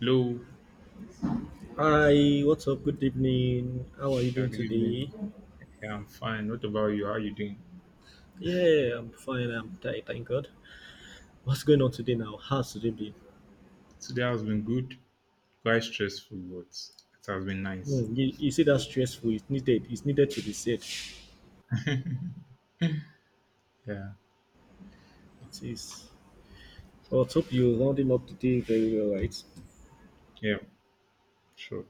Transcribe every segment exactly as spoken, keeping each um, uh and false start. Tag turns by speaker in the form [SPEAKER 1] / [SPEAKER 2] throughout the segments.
[SPEAKER 1] Hello,
[SPEAKER 2] Hi, what's up? Good evening. How are you
[SPEAKER 1] yeah,
[SPEAKER 2] doing
[SPEAKER 1] good evening.
[SPEAKER 2] today?
[SPEAKER 1] Yeah, I'm fine. What about you? How are you doing?
[SPEAKER 2] Yeah, I'm fine. I'm tired, thank God. What's going on today now? How's today been?
[SPEAKER 1] Today has been good, quite stressful, but it has been nice.
[SPEAKER 2] Hmm, you, you see that stressful. It's needed. It's needed to be said.
[SPEAKER 1] Yeah,
[SPEAKER 2] It is. Well, let's hope you're rounding up the day very well, right?
[SPEAKER 1] yeah, sure.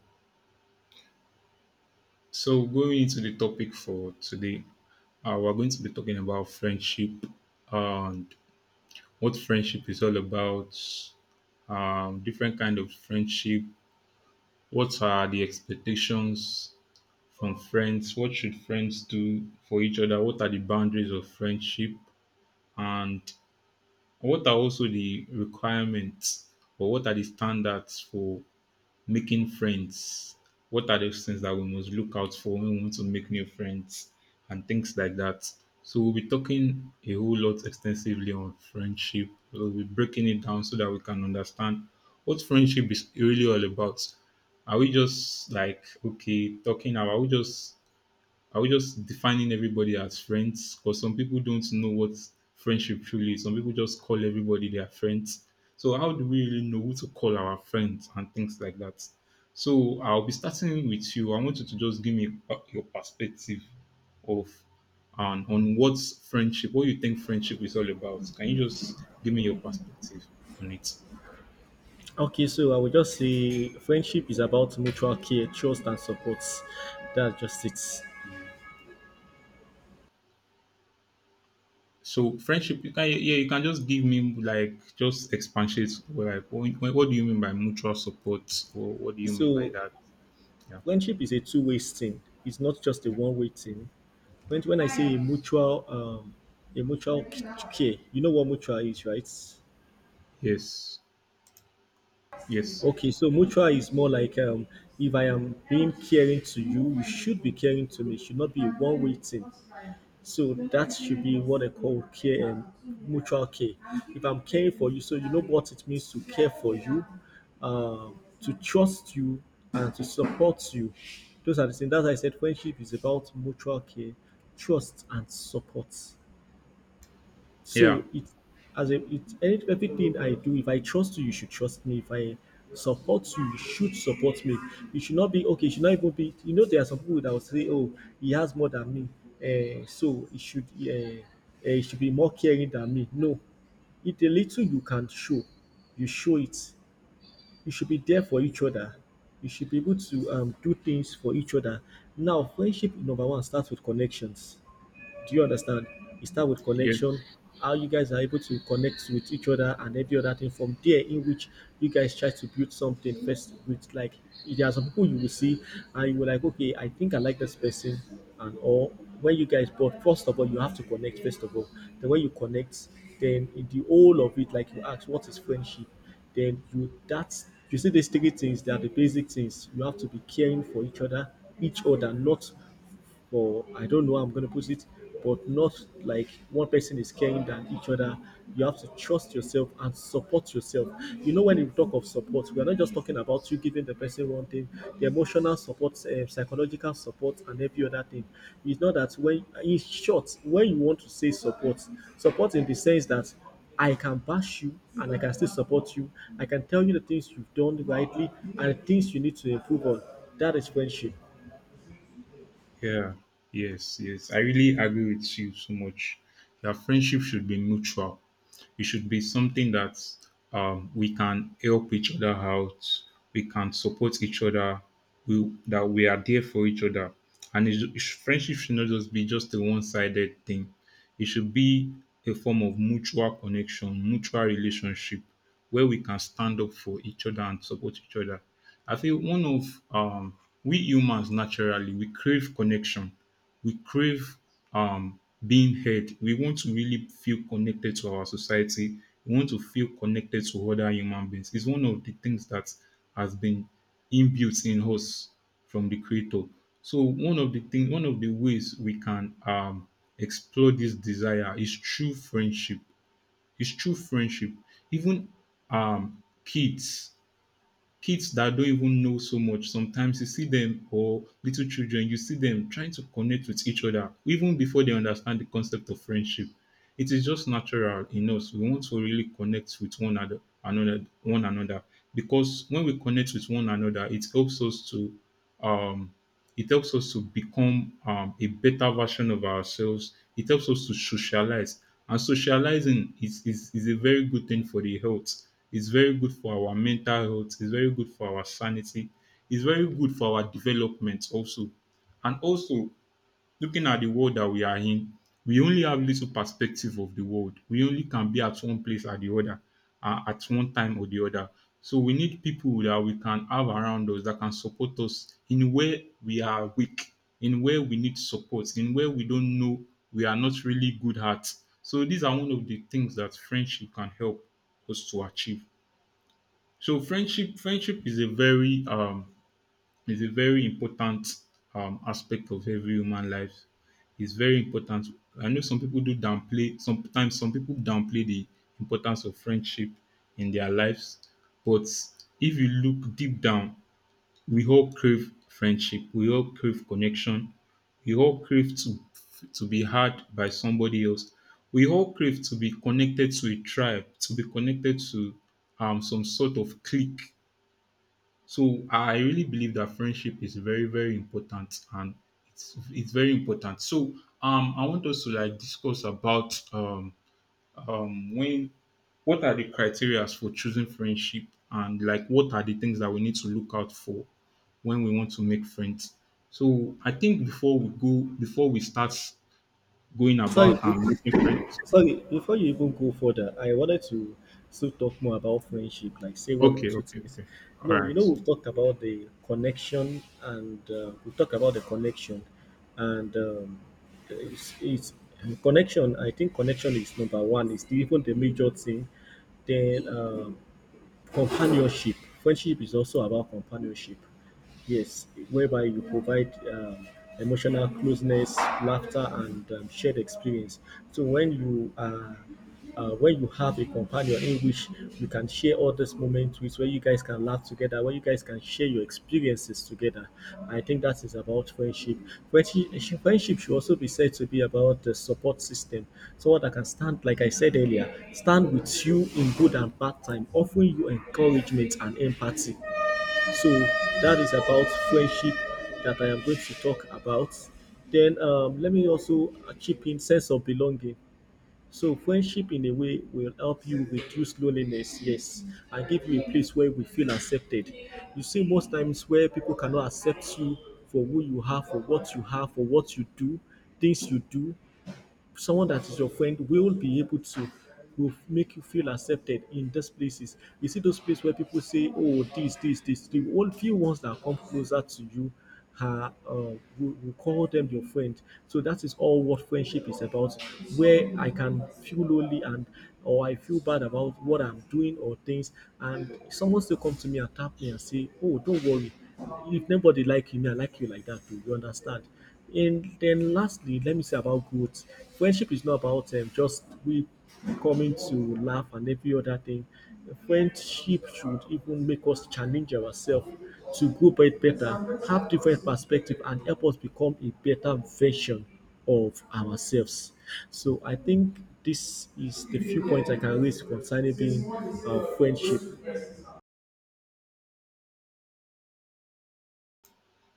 [SPEAKER 1] So going into the topic for today, uh, we're going to be talking about friendship and what friendship is all about, um, different kind of friendship. What are the expectations from friends? What should friends do for each other? What are the boundaries of friendship? And what are also the requirements or what are the standards for making friends? What are those things that we must look out for when we want to make new friends and things like that? So we'll be talking a whole lot extensively on friendship. We'll be breaking it down so that we can understand what friendship is really all about. Are we just like okay talking about? Are we just are we just defining everybody as friends? Because some people don't know what friendship truly is. Some people just call everybody their friends. So how do we really know who to call our friends and things like that? So I'll be starting with you. I want you to just give me uh, your perspective of and on what's friendship, what you think friendship is all about. Can you just give me your perspective on it?
[SPEAKER 2] Okay, so I will just say friendship is about mutual care, trust, and support. That's just it.
[SPEAKER 1] So friendship, you can yeah, you can just give me like just expatiate like what, what do you mean by mutual support or what do you mean by
[SPEAKER 2] So,
[SPEAKER 1] that? Yeah.
[SPEAKER 2] friendship is a two way thing, it's not just a one way thing. When when I say a mutual um a mutual c- care, you know what mutual is, right?
[SPEAKER 1] Yes. Yes.
[SPEAKER 2] Okay, so mutual is more like um if I am being caring to you, you should be caring to me. It should not be a one way thing. So that should be what I call care and mutual care. If I'm caring for you, so you know what it means to care for you, um, to trust you and to support you. Those are the things. That's why I said friendship is about mutual care, trust and support.
[SPEAKER 1] Yeah.
[SPEAKER 2] So it as a it any everything I do, if I trust you, you should trust me. If I support you, you should support me. You should not be okay, you should not even be you know there are some people that will say, "Oh, he has more than me. Uh, so he should uh, uh, he should be more caring than me." No. If the little you can show, you show it. You should be there for each other. You should be able to um, do things for each other. Now, friendship number one starts with connections, do you understand? It start with connection,
[SPEAKER 1] Yes.
[SPEAKER 2] how you guys are able to connect with each other and every other thing from there in which you guys try to build something first with like there are some people you will see and you will like, okay, I think I like this person and all when you guys but first of all you have to connect first of all. Then when you connect, then in the whole of it, like you ask what is friendship, then you that's you see these three things they are the basic things. You have to be caring for each other, each other, not or I don't know how I'm going to put it, but not like one person is caring than each other. You have to trust yourself and support yourself. You know, when we talk of support, we are not just talking about you giving the person one thing, the emotional support, uh, psychological support, and every other thing. It's not that when, in short, when you want to say support, support in the sense that I can bash you and I can still support you. I can tell you the things you've done rightly and the things you need to improve on. That is friendship.
[SPEAKER 1] Yeah. Yes. Yes, I really agree with you so much. Your friendship should be mutual. It should be something that um, we can help each other out, we can support each other, we, that we are there for each other, and it, it, should- friendship should not just be just a one-sided thing, it should be a form of mutual connection, mutual relationship where we can stand up for each other and support each other. I think one of um, we humans naturally we crave connection, we crave um, being heard. We want to really feel connected to our society. We want to feel connected to other human beings. It's one of the things that has been inbuilt in us from the creator. So one of the thing, one of the ways we can um, explore this desire is through friendship, it's true friendship. Even um, kids, kids that don't even know so much, sometimes you see them or little children, you see them trying to connect with each other even before they understand the concept of friendship. It is just natural in us. We want to really connect with one another, another one another because when we connect with one another, it helps us to um, it helps us to become um, a better version of ourselves. It helps us to socialize. And socializing is, is, is a very good thing for the health. It's very good for our mental health. It's very good for our sanity. It's very good for our development also. And also, looking at the world that we are in, we only have little perspective of the world. We only can be at one place or the other, uh, at one time or the other. So we need people that we can have around us that can support us in where we are weak, in where we need support, in where we don't know we are not really good at. So these are one of the things that friendship can help us to achieve. So friendship, friendship is a very um it's a very important um, aspect of every human life. It's very important. I know some people do downplay, sometimes some people downplay the importance of friendship in their lives. But if you look deep down, we all crave friendship, we all crave connection, we all crave to, to be heard by somebody else. We all crave to be connected to a tribe, to be connected to um, some sort of clique, so I really believe that friendship is very, very important and it's it's very important. So um I want us to like discuss about um um when what are the criteria for choosing friendship and like what are the things that we need to look out for when we want to make friends. So I think before we go before we start going about
[SPEAKER 2] Sorry,
[SPEAKER 1] and making friends.
[SPEAKER 2] sorry, before you even go further, I wanted to still talk more about friendship, like say one or
[SPEAKER 1] Okay,
[SPEAKER 2] two
[SPEAKER 1] okay,
[SPEAKER 2] things.
[SPEAKER 1] okay. All
[SPEAKER 2] No, you know,
[SPEAKER 1] right.
[SPEAKER 2] we've talked about the connection and uh, we've talked about the connection and um, it's, it's connection. I think connection is number one, it's even the major thing. Then um, companionship. Friendship is also about companionship. Yes, whereby you provide um, emotional closeness, laughter, and um, shared experience. So when you are uh, when you have a companion in which you can share all these moments with, where you guys can laugh together, where you guys can share your experiences together. I think that is about friendship. Friendship, friendship should also be said to be about the support system. Someone that can stand, like I said earlier, stand with you in good and bad time, offering you encouragement and empathy. So that is about friendship that I am going to talk about. Then um, let me also uh, chip in sense of belonging, so friendship in a way will help you reduce loneliness, yes, and give you a place where we feel accepted. You see, most times where people cannot accept you for who you are, for what you have, for what you do, things you do, someone that is your friend will be able to will make you feel accepted in those places. You see those places where people say, "Oh, this, this, this." The only few ones that come closer to you are uh, we, we call them your friend. So that is all what friendship is about. Where I can feel lonely and or I feel bad about what I'm doing or things, and someone still come to me and tap me and say, "Oh, don't worry. If nobody like you, me, I like you like that too." You understand? And then lastly, let me say about growth. Friendship is not about um, just we coming to laugh and every other thing. Friendship should even make us challenge ourselves to grow bet- better, have different perspective, and help us become a better version of ourselves. So I think this is the few points I can raise concerning being uh, friendship.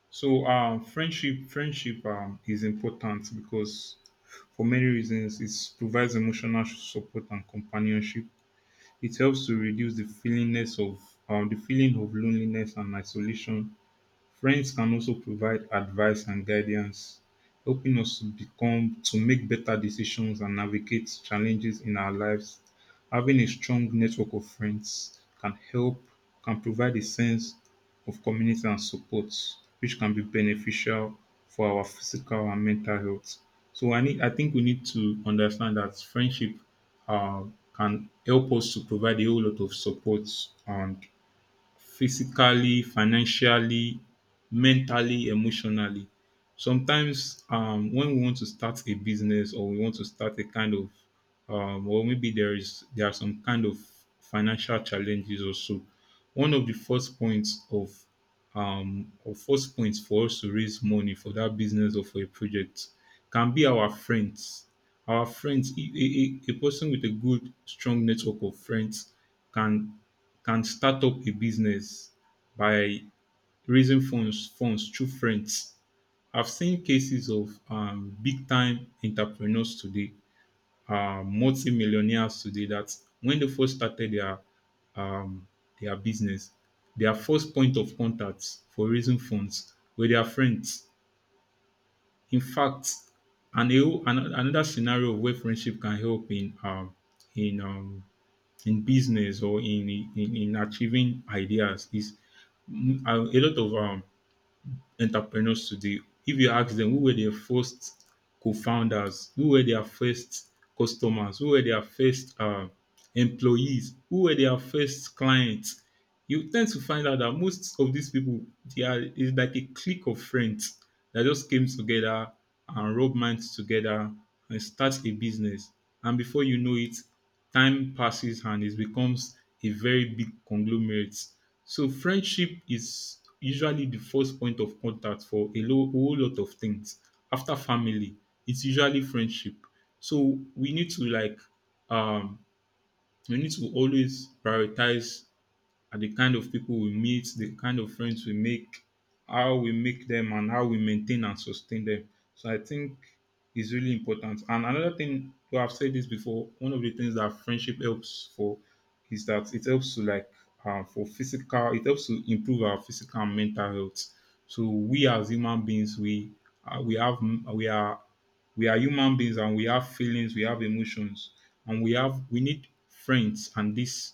[SPEAKER 1] So um, friendship, friendship um, is important because for many reasons it provides emotional support and companionship. It helps to reduce the feelingness of um, the feeling of loneliness and isolation. Friends can also provide advice and guidance, helping us to become to make better decisions and navigate challenges in our lives. Having a strong network of friends can help, can provide a sense of community and support, which can be beneficial for our physical and mental health. So I need I think we need to understand that friendship uh, can help us to provide a whole lot of support and physically, financially, mentally, emotionally. Sometimes um, when we want to start a business or we want to start a kind of um, or maybe there is there are some kind of financial challenges also. One of the first points of um, or first points for us to raise money for that business or for a project can be our friends. Our friends, a, a, a a person with a good, strong network of friends can can start up a business by raising funds funds through friends. I've seen cases of um, big time entrepreneurs today, uh, multi-millionaires today that when they first started their um, their business, their first point of contact for raising funds were their friends. In fact, and a whole- an- another scenario of where friendship can help in um, in um, in business or in, in in achieving ideas is Mm, uh, a lot of um, entrepreneurs today, if you ask them who were their first co-founders, who were their first customers, who were their first uh, employees, who were their first clients, you tend to find out that most of these people, they are is like a clique of friends that just came together and rub minds together and start a business. And before you know it, time passes and it becomes a very big conglomerate. So friendship is usually the first point of contact for a lo- whole lot of things. After family, it's usually friendship. So we need to like um we need to always prioritize are the kind of people we meet, the kind of friends we make, how we make them, and how we maintain and sustain them. So I think is really important. And another thing, well, I've said this before. One of the things that friendship helps for is that it helps to like uh, for physical, it helps to improve our physical and mental health. So we as human beings, we uh, we have, we are, we are human beings and we have feelings, we have emotions, and we have we need friends and this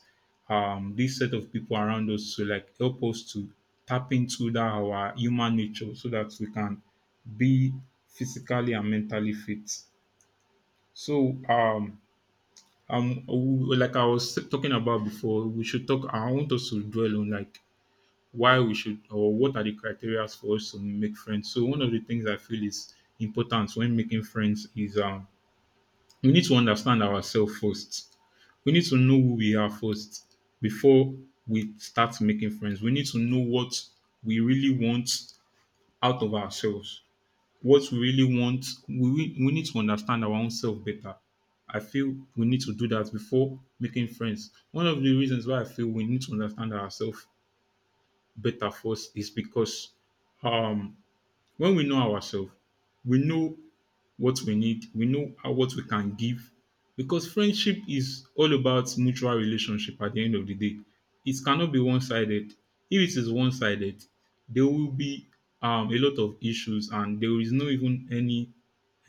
[SPEAKER 1] um this set of people around us to like help us to tap into that our human nature so that we can be physically and mentally fit. So um um we- like I was talking about before, we should talk I want us to dwell on like why we should or what are the criteria for us to make friends. So one of the things I feel is important when making friends is um we need to understand ourselves first. We need to know who we are first before we start making friends. We need to know what we really want out of ourselves. What we really want, we, we need to understand our own self better. I feel we need to do that before making friends. One of the reasons why I feel we need to understand ourselves better first is because um, when we know ourselves, we know what we need, we know how what we can give. Because friendship is all about mutual relationship at the end of the day. It cannot be one sided. If it is one sided, there will be um, a lot of issues and there is no even any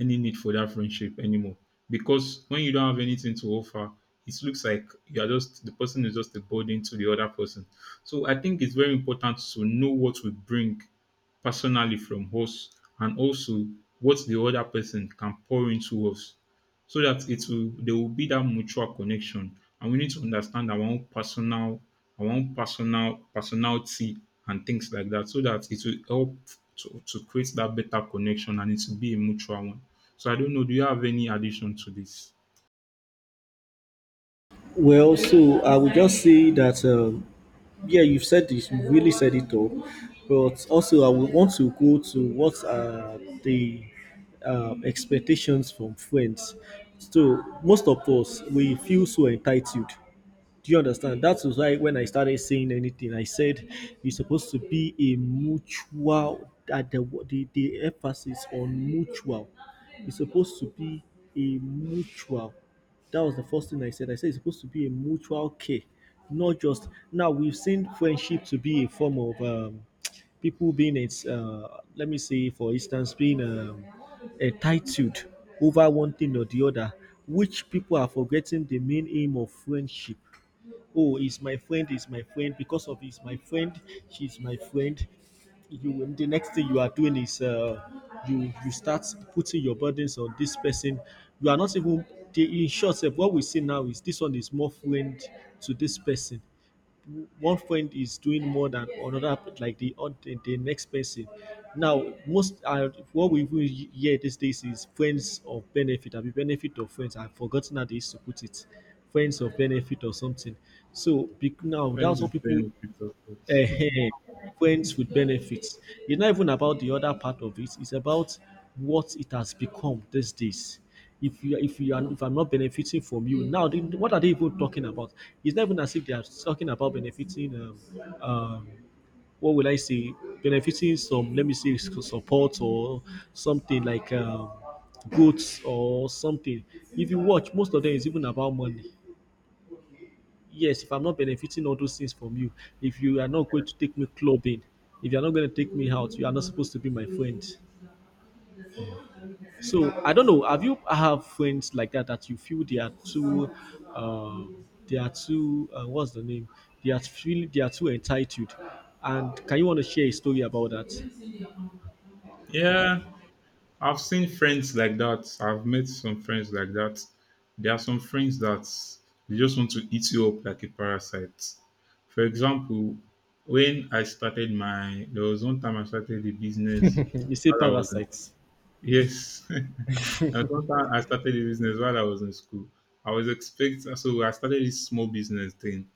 [SPEAKER 1] any need for that friendship anymore. Because when you don't have anything to offer, it looks like you are just the person is just a burden to the other person. So I think it's very important to know what we bring personally from us and also what the other person can pour into us so that it will there will be that mutual connection, and we need to understand our own personal, our own personal personality and things like that so that it will help to, to create that better connection and it will be a mutual one. So I don't know, do you have any addition to this?
[SPEAKER 2] Well, so I would just say that. Um, yeah, you've said this, you've really said it all. But also, I would want to go to what are the um, expectations from friends. So, most of us, we feel so entitled. Do you understand? That was why when I started saying anything, I said it's supposed to be a mutual. That the the, the emphasis on mutual. It's supposed to be a mutual. That was the first thing I said. I said it's supposed to be a mutual care, not just. Now we've seen friendship to be a form of um, people being it's. Uh, let me say, for instance, being um, entitled over one thing or the other, which people are forgetting the main aim of friendship. Oh, he's my friend, he's my friend because of he's my friend, she's my friend, you the next thing you are doing is uh, you you start putting your burdens on this person, you are not even the in short sef what we see now is this one is more friend to this person, one friend is doing more than another like the oth- the the next person. Now most uh, what we even he- hear these days is friends of benefit abi benefit of friends, I have forgotten how they used to put it, friends of benefit or something. So be- now
[SPEAKER 1] Friends
[SPEAKER 2] that's
[SPEAKER 1] is
[SPEAKER 2] what people.
[SPEAKER 1] benefit of- it.
[SPEAKER 2] Ehen, friends with benefits. It's not even about the other part of it. It's about what it has become these days. If you if you are if I'm not benefiting from you now, then what are they even talking about? It's not even as if they are talking about benefiting. Um, um, what will I say? Benefiting some, let me say, s- support or something like um, goods or something. If you watch, most of them is even about money. Yes, if I'm not benefiting all those things from you, if you are not going to take me clubbing, if you're not going to take me out, you are not supposed to be my friend. So I don't know. Have you have friends like that that you feel they are too, um, they are too, uh, what's the name? They are feel they are too entitled. And can you want to share a story about that?
[SPEAKER 1] Yeah, I've seen friends like that. I've met some friends like that. There are some friends that they just want to eat you up like a parasite. For example, when I started my, there was one time I started a business
[SPEAKER 2] You say
[SPEAKER 1] while I was in,
[SPEAKER 2] parasites.
[SPEAKER 1] yes, there was one time I started a business while I was in school. I was expecting, so I started this small business thing.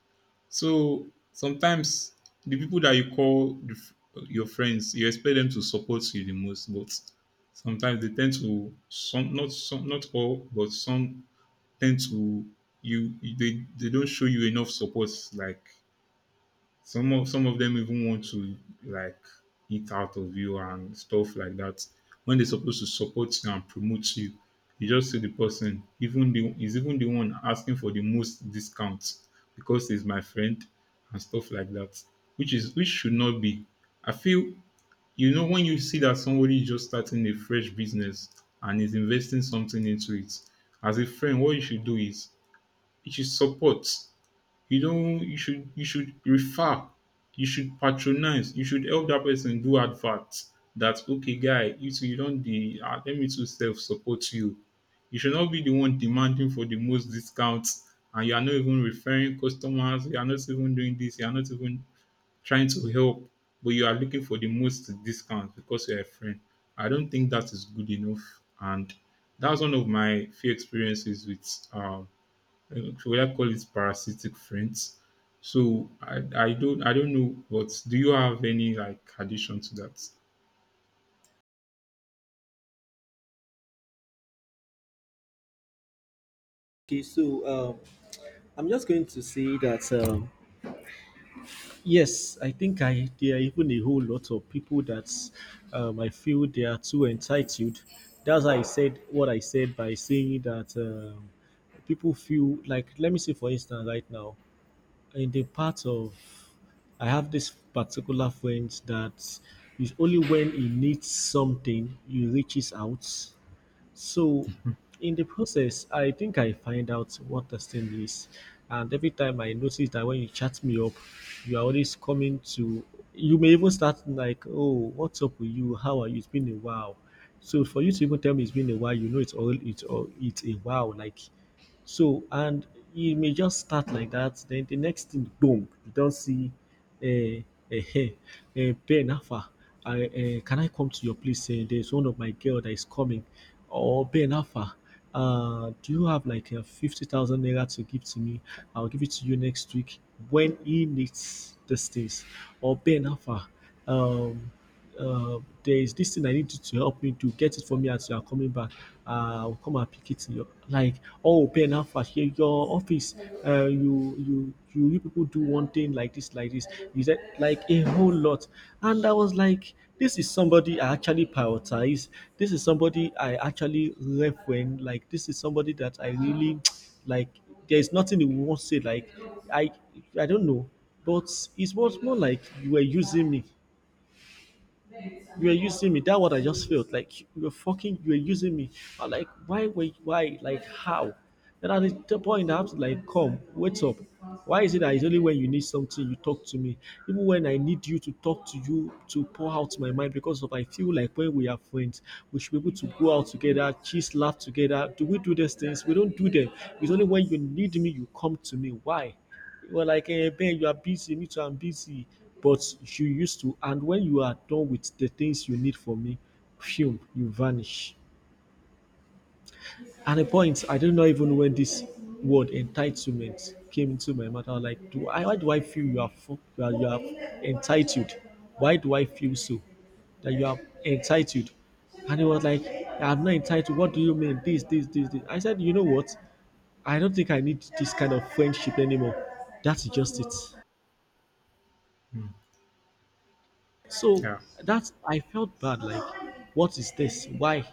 [SPEAKER 1] So sometimes the people that you call the, f- your friends, you expect them to support you the most, but sometimes they tend to some not some not all, but some tend to you they they don't show you enough support like some of some of them even want to like eat out of you and stuff like that. When they're supposed to support you and promote you, you just see the person even the is even the one asking for the most discount because he's my friend and stuff like that. Which is which should not be. I feel you know when you see that somebody is just starting a fresh business and is investing something into it, as a friend, what you should do is you should support you don't you should you should refer, you should patronize, you should help that person do adverts. That okay guy you too you don dey um let me to self support you. You should not be the one demanding for the most discounts, and you are not even referring customers, you are not even doing this. You are not even trying to help but you are looking for the most discount because you are a friend. I don't think that is good enough and that's one of my few experiences with um uh, should I call it parasitic friends? So I, I don't I don't know, but do you have any like addition to that?
[SPEAKER 2] Okay, so um, I'm just going to say that. Um, Yes, I think I there are even a whole lot of people that um, I feel they are too entitled. That's why I said what I said by saying that um, people feel like, let me say for instance, right now, in the part of, I have this particular friend that is only when he needs something, he reaches out, so, in the process, I think I find out what testing is. And every time I notice that when you chat me up, you are always coming to, you may even start like, oh, what's up with you? How are you? It's been a while. So, for you to even tell me it's been a while, you know it's all, it's all, it's a while. Like, so, and you may just start like that. Then the next thing, boom, you don't see a uh, Ben Alpha. I, uh, can I come to your place? Eh, there's one of my girl that is coming. Or Ben Alpha, uh, do you have like a fifty thousand naira to give to me? I'll give it to you next week when he needs the things. Or Ben Alpha, um, uh, there is this thing I need you to help me do. Get it for me as you are coming back. Uh, I'll come and pick it. In your, like, oh, Ben, how fast? Here, your office. Uh, you, you, you, you people do one thing like this, like this. Is that like a whole lot? And I was like, this is somebody I actually prioritize. This is somebody I actually left when, like, this is somebody that I really, like. There is nothing you won't say. Like, I, I don't know, but it was more like you were using me you were using me. That what I just felt like you were fucking, you were using me. I'm like, why, why, why, like how? Then at the point I have to like, come, wait up. Why is it that it's only when you need something you talk to me? Even when I need you to talk to you to pour out my mind because of I feel like when we are friends, we should be able to go out together, cheese, laugh together. Do we do these things? We don't do them. It's only when you need me you come to me. Why? You were like, eh, Ben, you are busy. Me too, I'm busy. But you used to, and when you are done with the things you need from me, phew, you vanish. And the point, I don't know even when this word entitlement came into my mind. I was like, do I, why do I feel you are, fu- you are, you are entitled? Why do I feel so? That you are entitled? And he was like, I'm not entitled. What do you mean? This, this, this, this. I said, you know what? I don't think I need this kind of friendship anymore. That's just it.
[SPEAKER 1] Mm.
[SPEAKER 2] So
[SPEAKER 1] Yeah,
[SPEAKER 2] that's I felt bad. Like, what is this? Why?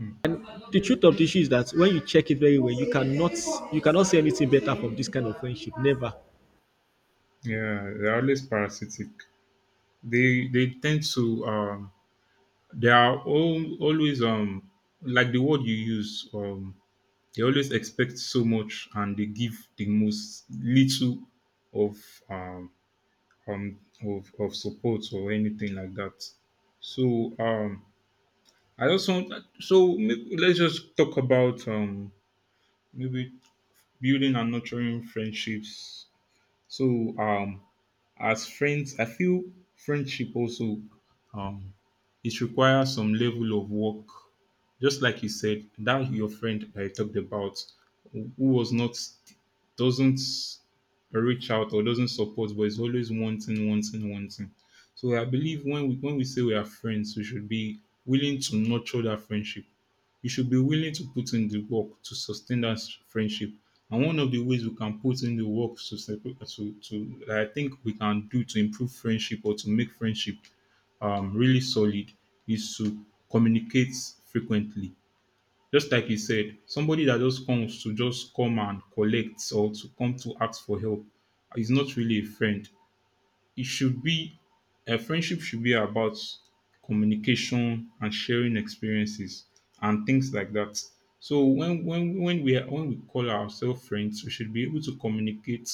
[SPEAKER 1] mm.
[SPEAKER 2] The truth of the issue is that when you check it very well, you cannot you cannot see anything better from this kind of friendship. Never.
[SPEAKER 1] Yeah, they're always parasitic. They they tend to um they are all, always um like the word you use um they always expect so much and they give the most little of um um of, of support or anything like that. So um I just want so may- let's just talk about um maybe building and nurturing friendships. So um as friends, I feel friendship also um it requires some level of work. Just like you said, that your friend that you talked about who who was not doesn't reach out or doesn't support but is always wanting, wanting, wanting. So I believe when we when we say we are friends, we should be willing to nurture that friendship you should be willing to put in the work to sustain that friendship. And one of the ways we can put in the work to, sepa- to, to that I think we can do to improve friendship or to make friendship um, really solid is to communicate frequently. Just like you said, somebody that just comes to just come and collect or to come to ask for help is not really a friend it should be a friendship should be about communication and sharing experiences and things like that. So when when when we are, when we call ourselves friends, we should be able to communicate,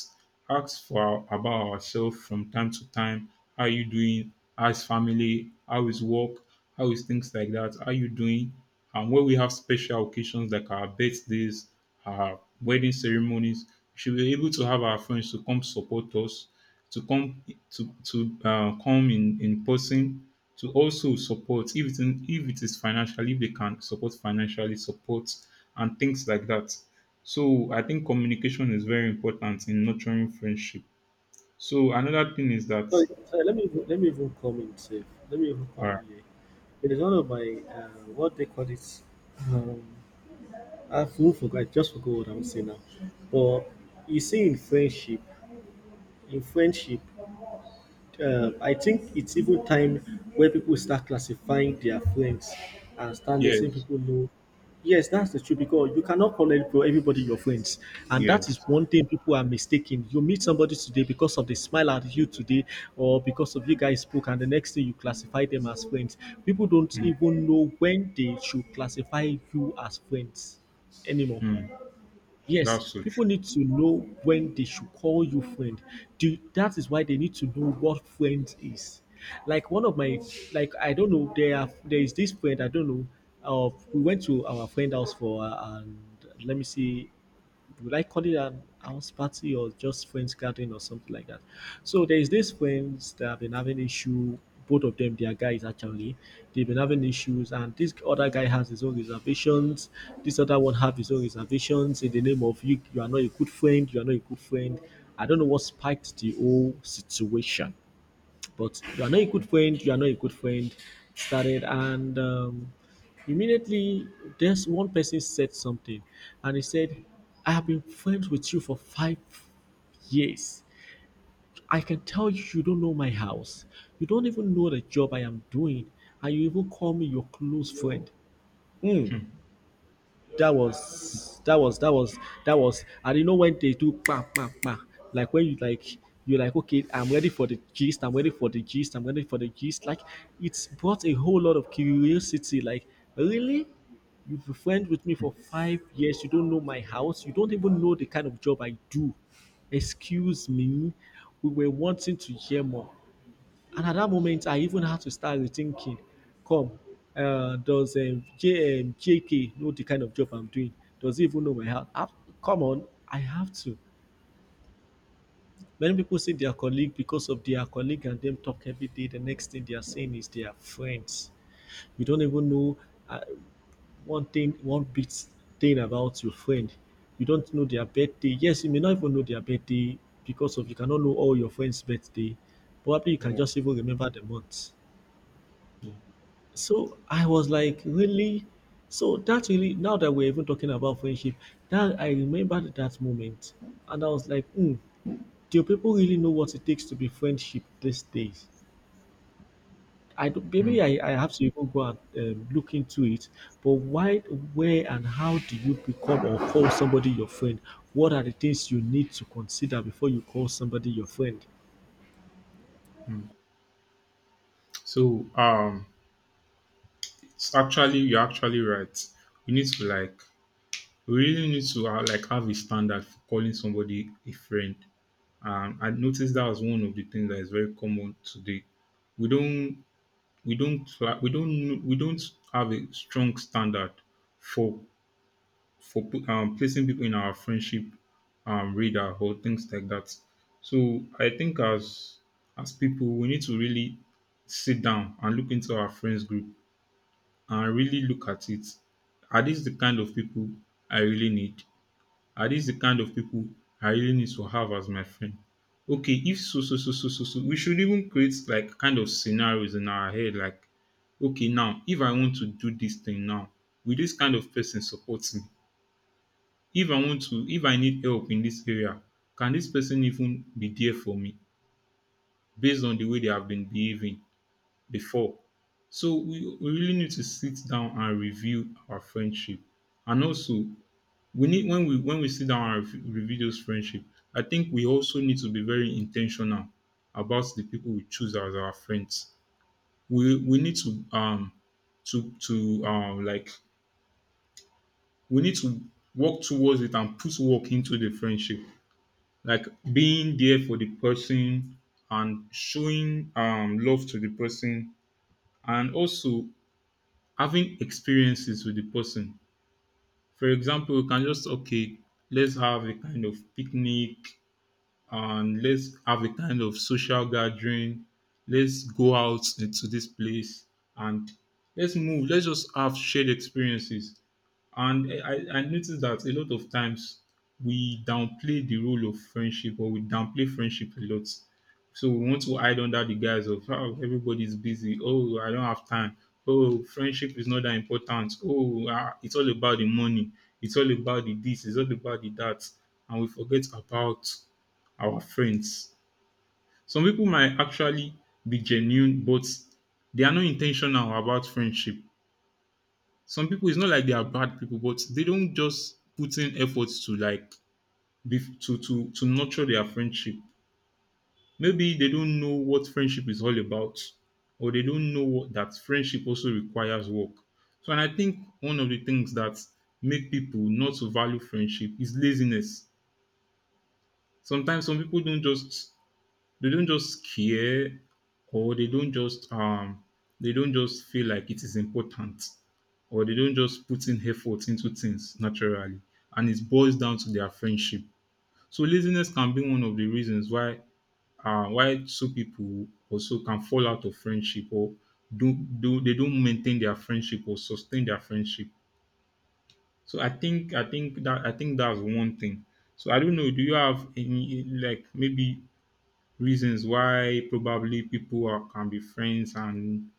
[SPEAKER 1] ask for our- about ourselves from time to time. How are you doing? How's family? How is work? How is things like that? How are you doing? And when we have special occasions like our birthdays, our wedding ceremonies, we should be able to have our friends to come support us to come to to uh, come in in person to also support if it, if it is financially if they can support financially support and things like that so I think communication is very important in nurturing friendship so another thing is that
[SPEAKER 2] Sorry, sorry, let me even- let me even come in safe. Let me even
[SPEAKER 1] all
[SPEAKER 2] come
[SPEAKER 1] right.
[SPEAKER 2] in here. It is one of my uh, what they call it. Um, I forgot. I just forgot what I'm saying now. But you see, in friendship, in friendship, um, I think it's even time where people start classifying their friends and start letting
[SPEAKER 1] Yes.
[SPEAKER 2] people know. Yes, that's the truth because you cannot call every- everybody your friends. And that is
[SPEAKER 1] Yes.
[SPEAKER 2] one thing people are mistaken. You meet somebody today because of the smile at you today, or because of you guys spoke, and the next thing you classify them as friends. People don't even know when they should classify you as friends anymore.
[SPEAKER 1] Mhm.
[SPEAKER 2] Yes,
[SPEAKER 1] That's so true.
[SPEAKER 2] people need to know when they should call you friend. Do, that is why they need to know what friend is. Like one of my, like I don't know, there are there is this friend I don't know. Uh, we went to our friend house for uh, and let me see, would I call it an house party or just friends gathering or something like that? So there is this friends that have been having issue. Both of them, they are guys actually. They've been having issues, and this other guy has his own reservations. This other one have his own reservations in the name of you. You are not a good friend. You are not a good friend. I don't know what spiked the whole situation, but you are not a good friend, you are not a good friend started and um, immediately there's one person said something, and he said I have been friends with you for five years. I can tell you you don't know my house. You don't even know the job I am doing, and you even call me your close friend. Hmm,
[SPEAKER 1] Hmm.
[SPEAKER 2] that was that was that was that was, and you know when they do pa pa pa. Like when you like, you're like, okay, I'm ready for the gist I'm ready for the gist I'm ready for the gist. Like, it's brought a whole lot of curiosity. Like, really, you've been friends with me for five years, you don't know my house, you don't even know the kind of job I do. Excuse me, we were wanting to hear more. And at that moment, I even had to start rethinking. Come, uh, does um, J, um, J K know the kind of job I'm doing? Does he even know my health? Ah, come on, I have to. Many people see their colleague because of their colleague and them talk every day. The next thing they are saying is they are friends. You don't even know uh, one thing, one bit thing about your friend. You don't know their birthday. Yes, you may not even know their birthday because of you cannot know all your friends' birthday. Probably you can
[SPEAKER 1] Yeah,
[SPEAKER 2] just even remember the month.
[SPEAKER 1] yeah.
[SPEAKER 2] So I was like, really? So that really, now that we're even talking about friendship, that I remembered that moment. And I was like, hmm, do people really know what it takes to be friendship these days? I don't,
[SPEAKER 1] Hmm.
[SPEAKER 2] maybe I, I have to even go and um, look into it. But why, where, and how do you become or call somebody your friend? What are the things you need to consider before you call somebody your friend?
[SPEAKER 1] So um it's actually you're actually right we need to like we really need to have, like have a standard for calling somebody a friend. Um, I noticed that was one of the things that is very common today. We don't we don't fla- we don't we don't have a strong standard for for pu- um, placing people in our friendship um, radar or things like that. So I think as as people we need to really sit down and look into our friends group and really look at it. Are these the kind of people I really need? Are these the kind of people I really need to have as my friend? Okay, if so, so, so, so, so, so, we should even create like kind of scenarios in our head like, okay, now, if I want to do this thing now, will this kind of person support me? If I want to, if I need help in this area, can this person even be there for me based on the way they have been behaving before? So we, we really need to sit down and review our friendship. And also, we need when we when we sit down and rev- review those friendship I think we also need to be very intentional about the people we choose as our friends we we need to um to to um like we need to work towards it and put work into the friendship like being there for the person and showing um love to the person and also having experiences with the person for example we can just okay let's have a kind of picnic and let's have a kind of social gathering. Let's go out into this place and let's move. Let's just have shared experiences. And I, I I noticed that a lot of times we downplay the role of friendship or we downplay friendship a lot. So we want to hide under the guise of how everybody's busy. Oh, I don't have time. Oh, friendship is not that important. Oh, ah, it's all about the money. It's all about the this. It's all about the that. And we forget about our friends. Some people might actually be genuine, but they are not intentional about friendship. Some people, it's not like they are bad people, but they don't just put in efforts to like be, to to to nurture their friendship. Maybe they don't know what friendship is all about or they don't know what, that friendship also requires work. So, and I think one of the things that make people not to value friendship is laziness. Sometimes some people don't just they don't just care or they don't just um they don't just feel like it is important or they don't just put in effort into things naturally and it boils down to their friendship. So laziness can be one of the reasons why uh, why two people also can fall out of friendship or do do they don't maintain their friendship or sustain their friendship. So I think I think that I think that's one thing. So I don't know. Do you have any like maybe reasons why probably people are, can be friends and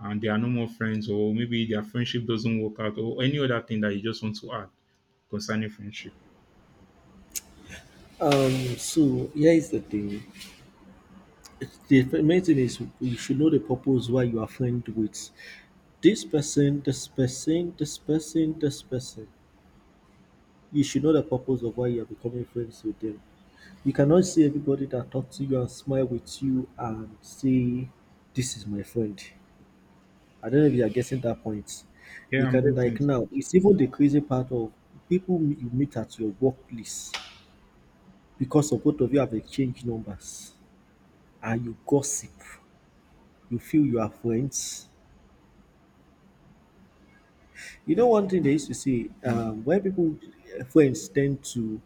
[SPEAKER 1] and they are no more friends, or maybe their friendship doesn't work out, or any other thing that you just want to add concerning friendship?
[SPEAKER 2] Um, so here is the thing. It's- The main thing is you should know the purpose why you are friend with this person, this person, this person, this person. You should know the purpose of why you are becoming friends with them. You cannot see everybody that talks to you and smile with you and say, this is my friend. I don't know if you are getting that point.
[SPEAKER 1] Yeah,
[SPEAKER 2] You
[SPEAKER 1] I'm
[SPEAKER 2] can
[SPEAKER 1] getting.
[SPEAKER 2] like
[SPEAKER 1] It.
[SPEAKER 2] now, it's even the crazy part of people m- you meet at your workplace because of both of you have exchanged numbers and you gossip. You feel you are friends. You know one thing they used to say,
[SPEAKER 1] Hmm.
[SPEAKER 2] um, when people eh, friends tend to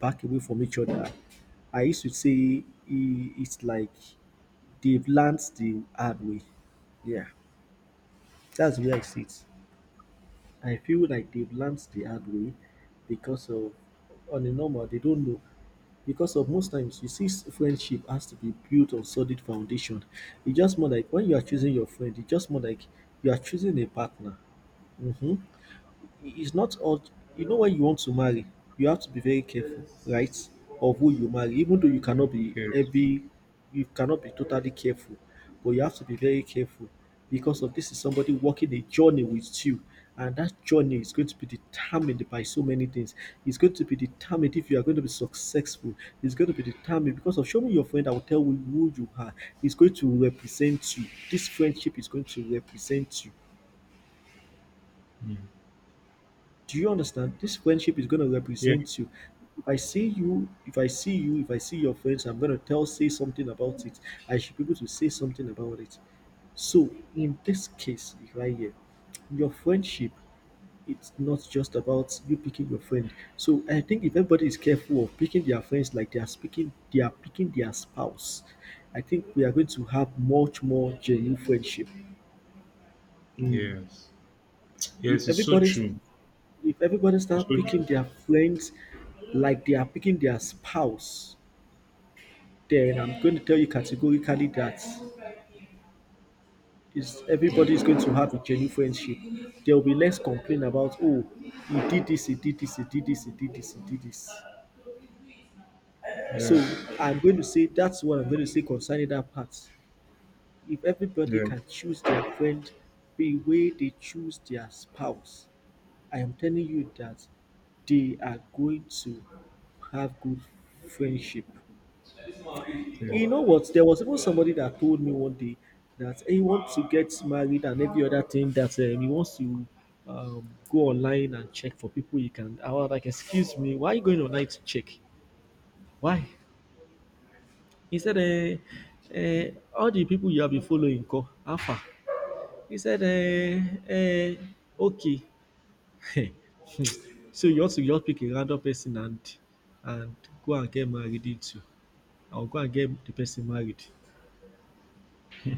[SPEAKER 2] back away from each other. I used to say i- it's like they've learned the hard way. Yeah, that's where I sit. I feel like they've learned the hard way because of, on a normal, they don't know. Because of most times, you see, s- friendship has to be built on solid foundation. It's just more like when you are choosing your friend, it's just more like you are choosing a partner. Hmm, it's not all, you know, when you want to marry you have to be very careful, right, of who you marry, even though you cannot be
[SPEAKER 1] Yes.
[SPEAKER 2] every, you cannot be totally careful, but you have to be very careful, because of this is somebody walking a journey with you, and that journey is going to be determined by so many things. It's going to be determined if you are going to be successful. It's going to be determined because of show me your friend I will tell you who you are. It's going to represent you. This friendship is going to represent you.
[SPEAKER 1] Hmm.
[SPEAKER 2] Do you understand? This friendship is gonna
[SPEAKER 1] Yeah.
[SPEAKER 2] represent you. If I see you, if I see you, if I see your friends, I'm gonna tell say something about it. I should be able to say something about it. So in this case right here, your friendship, it's not just about you picking your friend. So I think if everybody is careful of picking their friends like they are speaking they are picking their spouse, I think we are going to have much more genuine friendship.
[SPEAKER 1] Yes. Yes.
[SPEAKER 2] If
[SPEAKER 1] It's so
[SPEAKER 2] everybody's
[SPEAKER 1] true.
[SPEAKER 2] if everybody
[SPEAKER 1] It's
[SPEAKER 2] start
[SPEAKER 1] so true.
[SPEAKER 2] picking their friends like they are picking their spouse, then I'm going to tell you categorically that is
[SPEAKER 1] Yeah,
[SPEAKER 2] everybody is going to have a genuine friendship. There will be less complaint about oh he did this, he did this, he did this, he did this, he did this. So
[SPEAKER 1] yeah,
[SPEAKER 2] I'm going to say that's what I'm going to say concerning that part. If everybody
[SPEAKER 1] yeah,
[SPEAKER 2] can choose their friend the way they choose their spouse, I am telling you that they are going to have good friendship.
[SPEAKER 1] yeah.
[SPEAKER 2] You know what? There was even somebody that told me one day that he wants to get married and every other thing, that um, he wants to um, go online and check for people he can. I was like, excuse me, why are you going online to check? Why? He said, uh, uh, all the people you have been following, call Alpha. He said, uh, uh, okay. So you also just pick a random person and and go and get married into, or go and get the person married.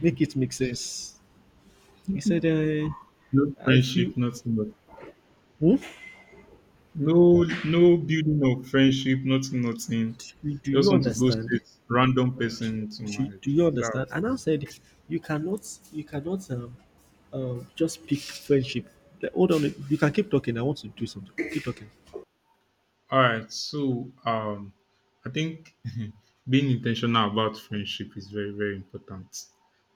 [SPEAKER 2] Make it make sense. He said, uh,
[SPEAKER 1] No
[SPEAKER 2] I feel.
[SPEAKER 1] friendship, nothing. But-
[SPEAKER 2] Hmm?
[SPEAKER 1] no, no building of friendship, nothing, nothing.
[SPEAKER 2] Do do
[SPEAKER 1] Just
[SPEAKER 2] you
[SPEAKER 1] want to go
[SPEAKER 2] understand?
[SPEAKER 1] straight random person to
[SPEAKER 2] Do, do
[SPEAKER 1] marriage.
[SPEAKER 2] you
[SPEAKER 1] That
[SPEAKER 2] understand?
[SPEAKER 1] was
[SPEAKER 2] And I said, you cannot, you cannot um, um, just pick friendship. Like, hold on, you can keep talking. I want to do something. Keep talking.
[SPEAKER 1] all right. So, um, I think being intentional about friendship is very, very important.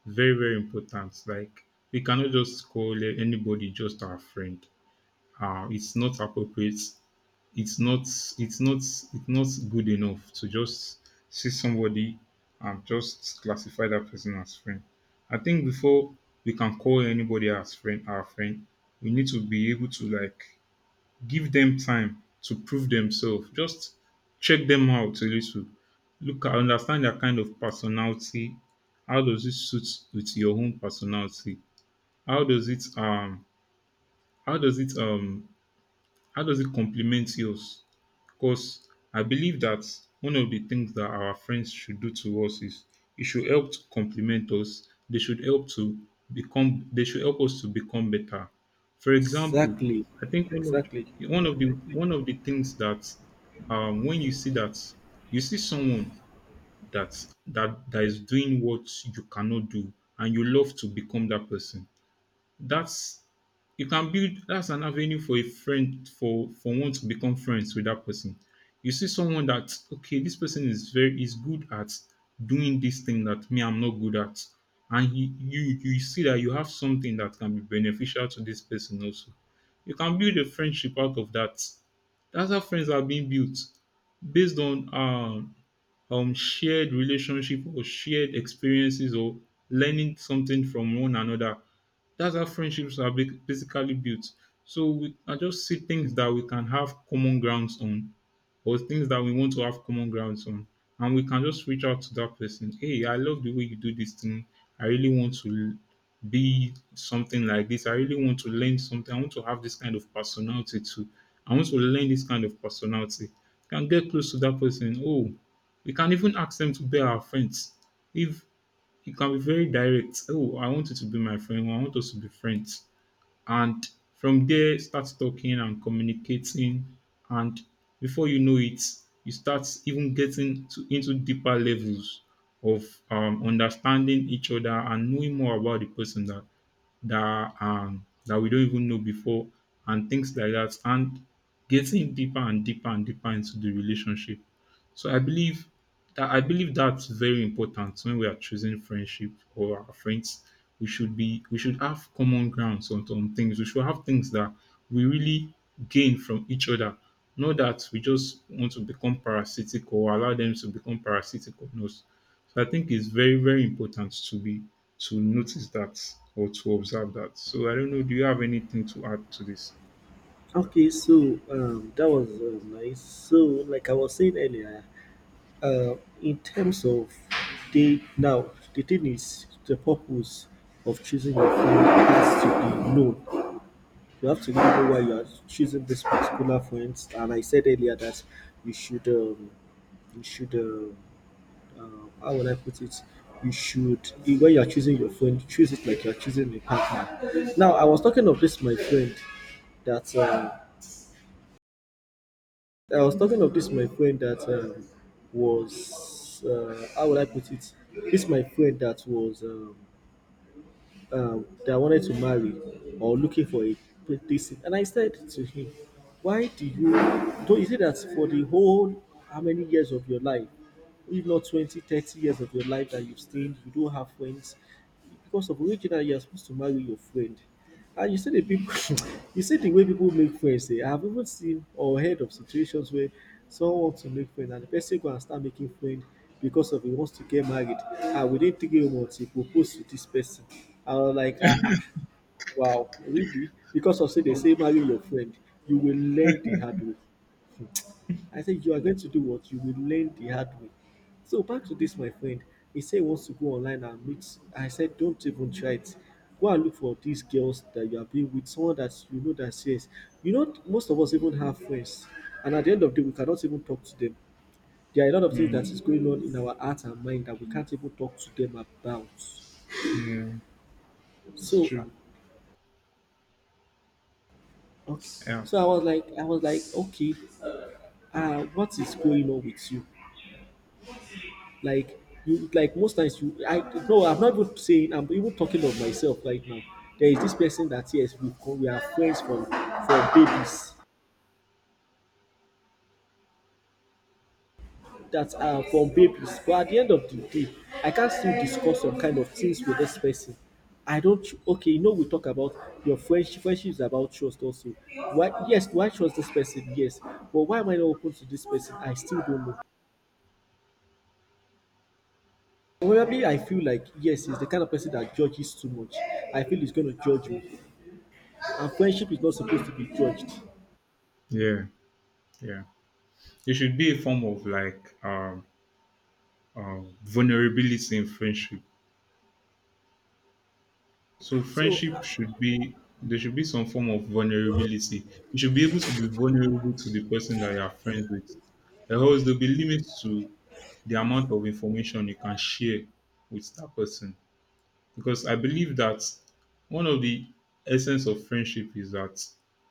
[SPEAKER 1] Very, very important. Like we cannot just call anybody just our friend. Uh, it's not appropriate. It's not it's not it's not good enough to just see somebody and just classify that person as friend. I think before we can call anybody as friend our friend, we need to be able to like give them time to prove themselves. Just check them out a little. Look at understand their kind of personality. How does it suit with your own personality? How does it um how does it um how does it complement yours? Because I believe that one of the things that our friends should do to us is it should help to complement us. They should help to become. They should help us to become better. For example,
[SPEAKER 2] Exactly,
[SPEAKER 1] I think one
[SPEAKER 2] exactly.
[SPEAKER 1] of one of the one of the things that um, when you see that you see someone that that that is doing what you cannot do, and you love to become that person. That's you can build that's an avenue for a friend for for one to become friends with that person. You see someone that, okay, this person is very is good at doing this thing that me I'm not good at. And he, you you see that you have something that can be beneficial to this person also. You can build a friendship out of that. That's how friends are being built, based on um um, shared relationship or shared experiences or learning something from one another. That's how friendships are ba- basically built. So we are just see things that we can have common grounds on, or things that we want to have common grounds on. And we can just reach out to that person. Hey, I love the way you do this thing. I really want to be something like this. I really want to learn something. I want to have this kind of personality too. I want to learn this kind of personality. You can get close to that person. Oh, we can even ask them to be our friends. If you can be very direct, oh, I want you to be my friend. I want us to be friends, and from there start talking and communicating, and before you know it you start even getting to, into deeper levels of um, understanding each other and knowing more about the person that that um that we don't even know before, and things like that, and getting deeper and deeper and deeper into the relationship. So I believe that I believe that's very important when we are choosing friendship or our friends. We should be we should have common grounds on, on things. We should have things that we really gain from each other. Not that we just want to become parasitic or allow them to become parasitic on us. So I think it's very, very important to be to notice that, or to observe that. So I don't know, do you have anything to add to this?
[SPEAKER 2] Okay, so um, that was uh, nice. So, like I was saying earlier, uh, in terms of date now, the thing is the purpose of choosing your friend has to be known. You have to really know why you are choosing this particular friends. And I said earlier that you should, um, you should, uh, um how would I put it? You should i- when you are choosing your friend, choose it like you are choosing a partner. Now, I was talking of this my friend that um, I was talking of this my friend that um, was uh, how would I put it? This my friend that was um, um, that I wanted to marry or looking for a decent. And I said to him, why do you do is it that for the whole how many years of your life, if not twenty, thirty years of your life that you've stayed, you don't have friends, because of original you are supposed to marry your friend. And you see the people, you see the way people make friends. Eh? I have even seen or heard of situations where someone wants to make friends and the person go and start making friends because of he wants to get married. And within three months, he proposed to this person. I was like, ah, ah wow, really? Because of say they
[SPEAKER 1] Oh,
[SPEAKER 2] say marry your friend, you will learn the hard way. I said, you are going to do what? You will learn the hard way. So back to this, my friend. He said he wants to go online and meet. I said, don't even try it. Go and look for these girls that you are being with, someone that you know that says, you know, most of us even have friends. And at the end of the day, we cannot even talk to them. There are a lot of things
[SPEAKER 1] mm,
[SPEAKER 2] that is going on in our heart and mind that we can't even talk to them about.
[SPEAKER 1] yeah, it's
[SPEAKER 2] So uh,
[SPEAKER 1] true.
[SPEAKER 2] okay.
[SPEAKER 1] Yeah.
[SPEAKER 2] So I was like I was like, okay, uh what is going on with you? like you like most times you i no I'm not even saying, I'm even talking of myself right now. There is this person that, yes, we co- we are friends from from babies, that are from babies, but at the end of the day I can still discuss some kind of things with this person. I don't, okay, you know, we talk about your friendship friendship is about trust also. Why? Yes, why trust this person? Yes, but why am I not open to this person? I still don't know. Probably I feel like, yes, he's the kind of person that judges too much. I feel he's gonna judge me. And friendship is not supposed to be judged.
[SPEAKER 1] Yeah. Yeah. It should be a form of like um, um, vulnerability in friendship. So
[SPEAKER 2] So,
[SPEAKER 1] friendship should be there should be some form of vulnerability. You should be able to be vulnerable to the person that you are friends with. Or else there'll be limits to the amount of information you can share with that person. Because I believe that one of the essence of friendship is that,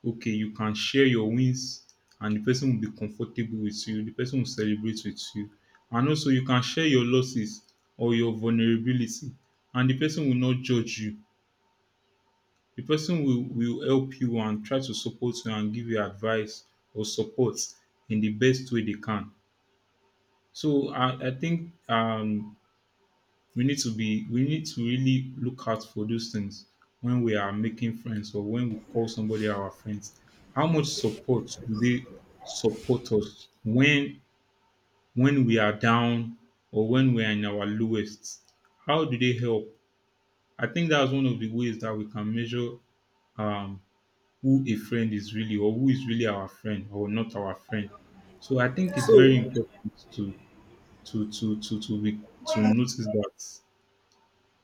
[SPEAKER 1] okay, you can share your wins and the person will be comfortable with you, the person will celebrate with you. And also you can share your losses or your vulnerability and the person will not judge you. The person will, will help you and try to support you and give you advice or support in the best way they can. So I, I think um we need to be we need to really look out for those things when we are making friends or when we call somebody our friends. How much support do they support us when when we are down or when we are in our lowest, how do they help? I think that's one of the ways that we can measure um who a friend is really, or who is really our friend or not our friend. So I think it's very
[SPEAKER 2] so
[SPEAKER 1] important to to to to to be to notice that.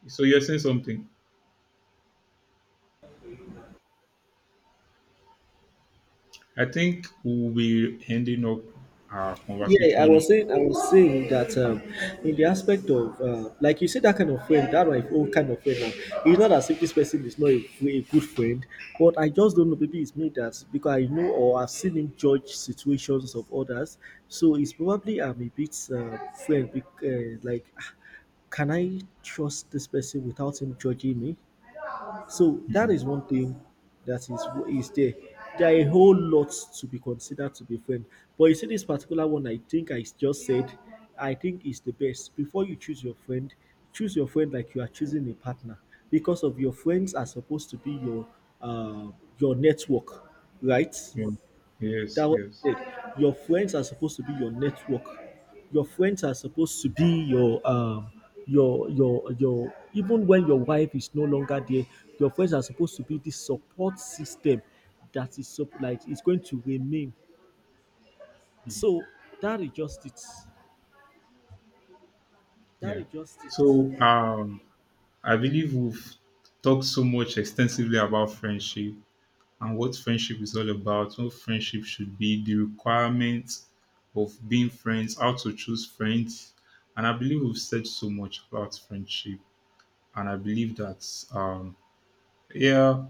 [SPEAKER 1] So you're saying something, I think we'll be ending up our
[SPEAKER 2] yeah, I
[SPEAKER 1] conversation.
[SPEAKER 2] was saying, I was saying that um, in the aspect of uh, like you said, that kind of friend, that my own kind of friend. Now, it's not as if this person is not a, a good friend, but I just don't know. Maybe it's me that, because I know or I've seen him judge situations of others, so it's probably I'm a bit uh, friend, bec- uh, like, ah, can I trust this person without him judging me? So that
[SPEAKER 1] Mm,
[SPEAKER 2] is one thing that is is there. There are a whole lot to be considered to be friend. But you see, this particular one, I think I just said, I think is the best. Before you choose your friend, choose your friend like you are choosing a partner, because of your friends are supposed to be your uh, your network, right?
[SPEAKER 1] yeah. Yes,
[SPEAKER 2] That what
[SPEAKER 1] yes.
[SPEAKER 2] I said. Your friends are supposed to be your network. Your friends are supposed to be your um your your your even when your wife is no longer there, your friends are supposed to be the support system that is sup- like is going to remain.
[SPEAKER 1] Mm.
[SPEAKER 2] So that is just it. That
[SPEAKER 1] Yeah.
[SPEAKER 2] is just
[SPEAKER 1] So
[SPEAKER 2] it.
[SPEAKER 1] um, I believe we've talked so much extensively about friendship and what friendship is all about, what friendship should be, the requirements of being friends, how to choose friends. And I believe we've said so much about friendship. And I believe that, um, yeah,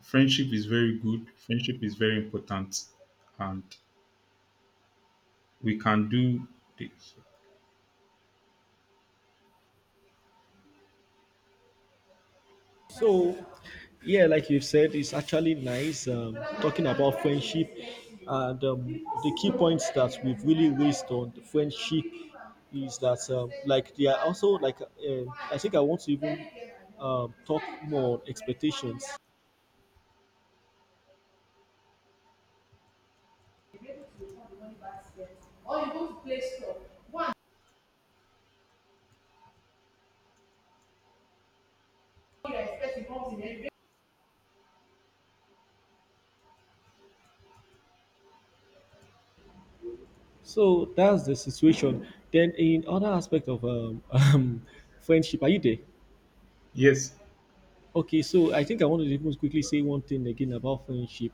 [SPEAKER 1] friendship is very good, friendship is very important. And we can do this.
[SPEAKER 2] So, yeah, like you said, it's actually nice um, talking about friendship, and um, the key points that we've really raised on the friendship is that, um, like, they are also like uh, I think I want to even um, talk more on expectations. So that's the situation. Then in other aspect of um, um, friendship, are you there?
[SPEAKER 1] Yes,
[SPEAKER 2] Okay, so I think I want to even quickly say one thing again about friendship.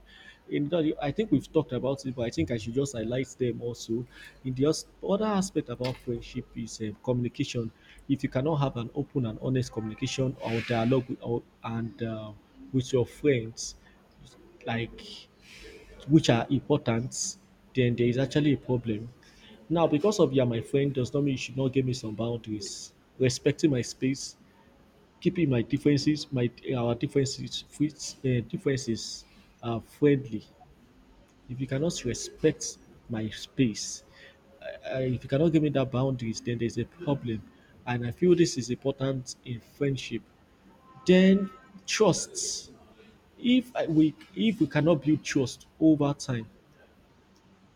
[SPEAKER 2] In that, I think we've talked about it, but I think I should just highlight them also. In the os- other aspect about friendship is uh, communication. If you cannot have an open and honest communication or dialogue with or, and uh, with your friends, like, which are important, then there is actually a problem. Now, because of you're my friend does not mean you should not give me some boundaries. Respecting my space, keeping my differences my our differences with uh, differences are friendly. If you cannot respect my space, uh, uh, if you cannot give me that boundaries, then there's a problem. And I feel this is important in friendship. Then, trust. If I, we if we cannot build trust over time,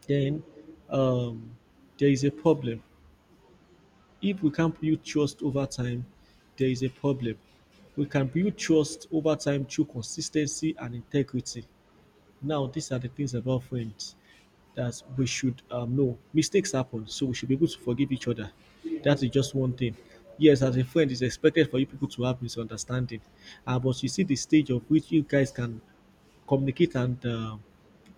[SPEAKER 2] then, um, there is a problem. If we can't build trust over time, there is a problem. We can build trust over time through consistency and integrity. Now, these are the things about friends that we should, um, know mistakes happen, so we should be able to forgive each other. That is just one thing. Yes, as a friend, it's expected for you people to have misunderstanding, uh, but you see the stage of which you guys can communicate and uh,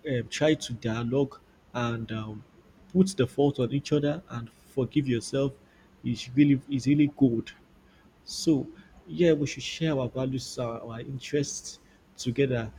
[SPEAKER 2] uh, try to dialogue and um, put the fault on each other and forgive yourself is really is really good. So, yeah, we should share our values, our, our interests together.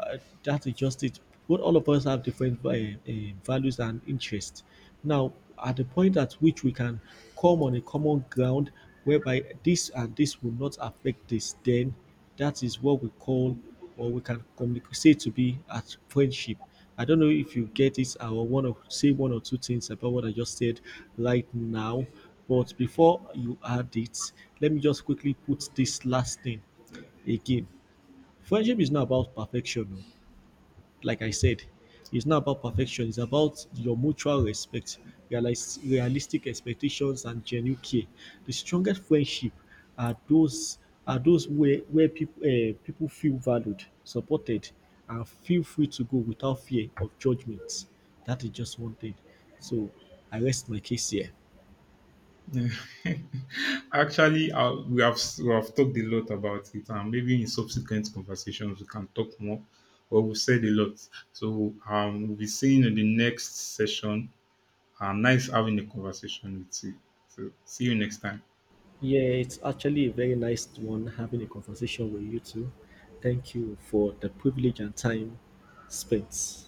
[SPEAKER 2] Uh, that is just it. But all of us have different uh, uh, values and interests. Now, at the point at which we can come on a common ground whereby this and this will not affect this, then that is what we call or we can communicate say to be at friendship. I don't know if you get it. I will want to say one or two things about what I just said right now. But before you add it, let me just quickly put this last thing again. Friendship is not about perfection. Oh, like I said, it's not about perfection. It's about your mutual respect, realize, realistic expectations, and genuine care. The strongest friendship are those are those where where people uh, people feel valued, supported, and feel free to go without fear of judgment. That is just one thing. So I rest my case here.
[SPEAKER 1] actually, uh, we have we have talked a lot about it, and maybe in subsequent conversations we can talk more. But we said a lot, so um, we'll be seeing you in the next session. Uh, nice having a conversation with you. So see you next time.
[SPEAKER 2] Yeah, it's actually a very nice one having a conversation with you two. Thank you for the privilege and time spent.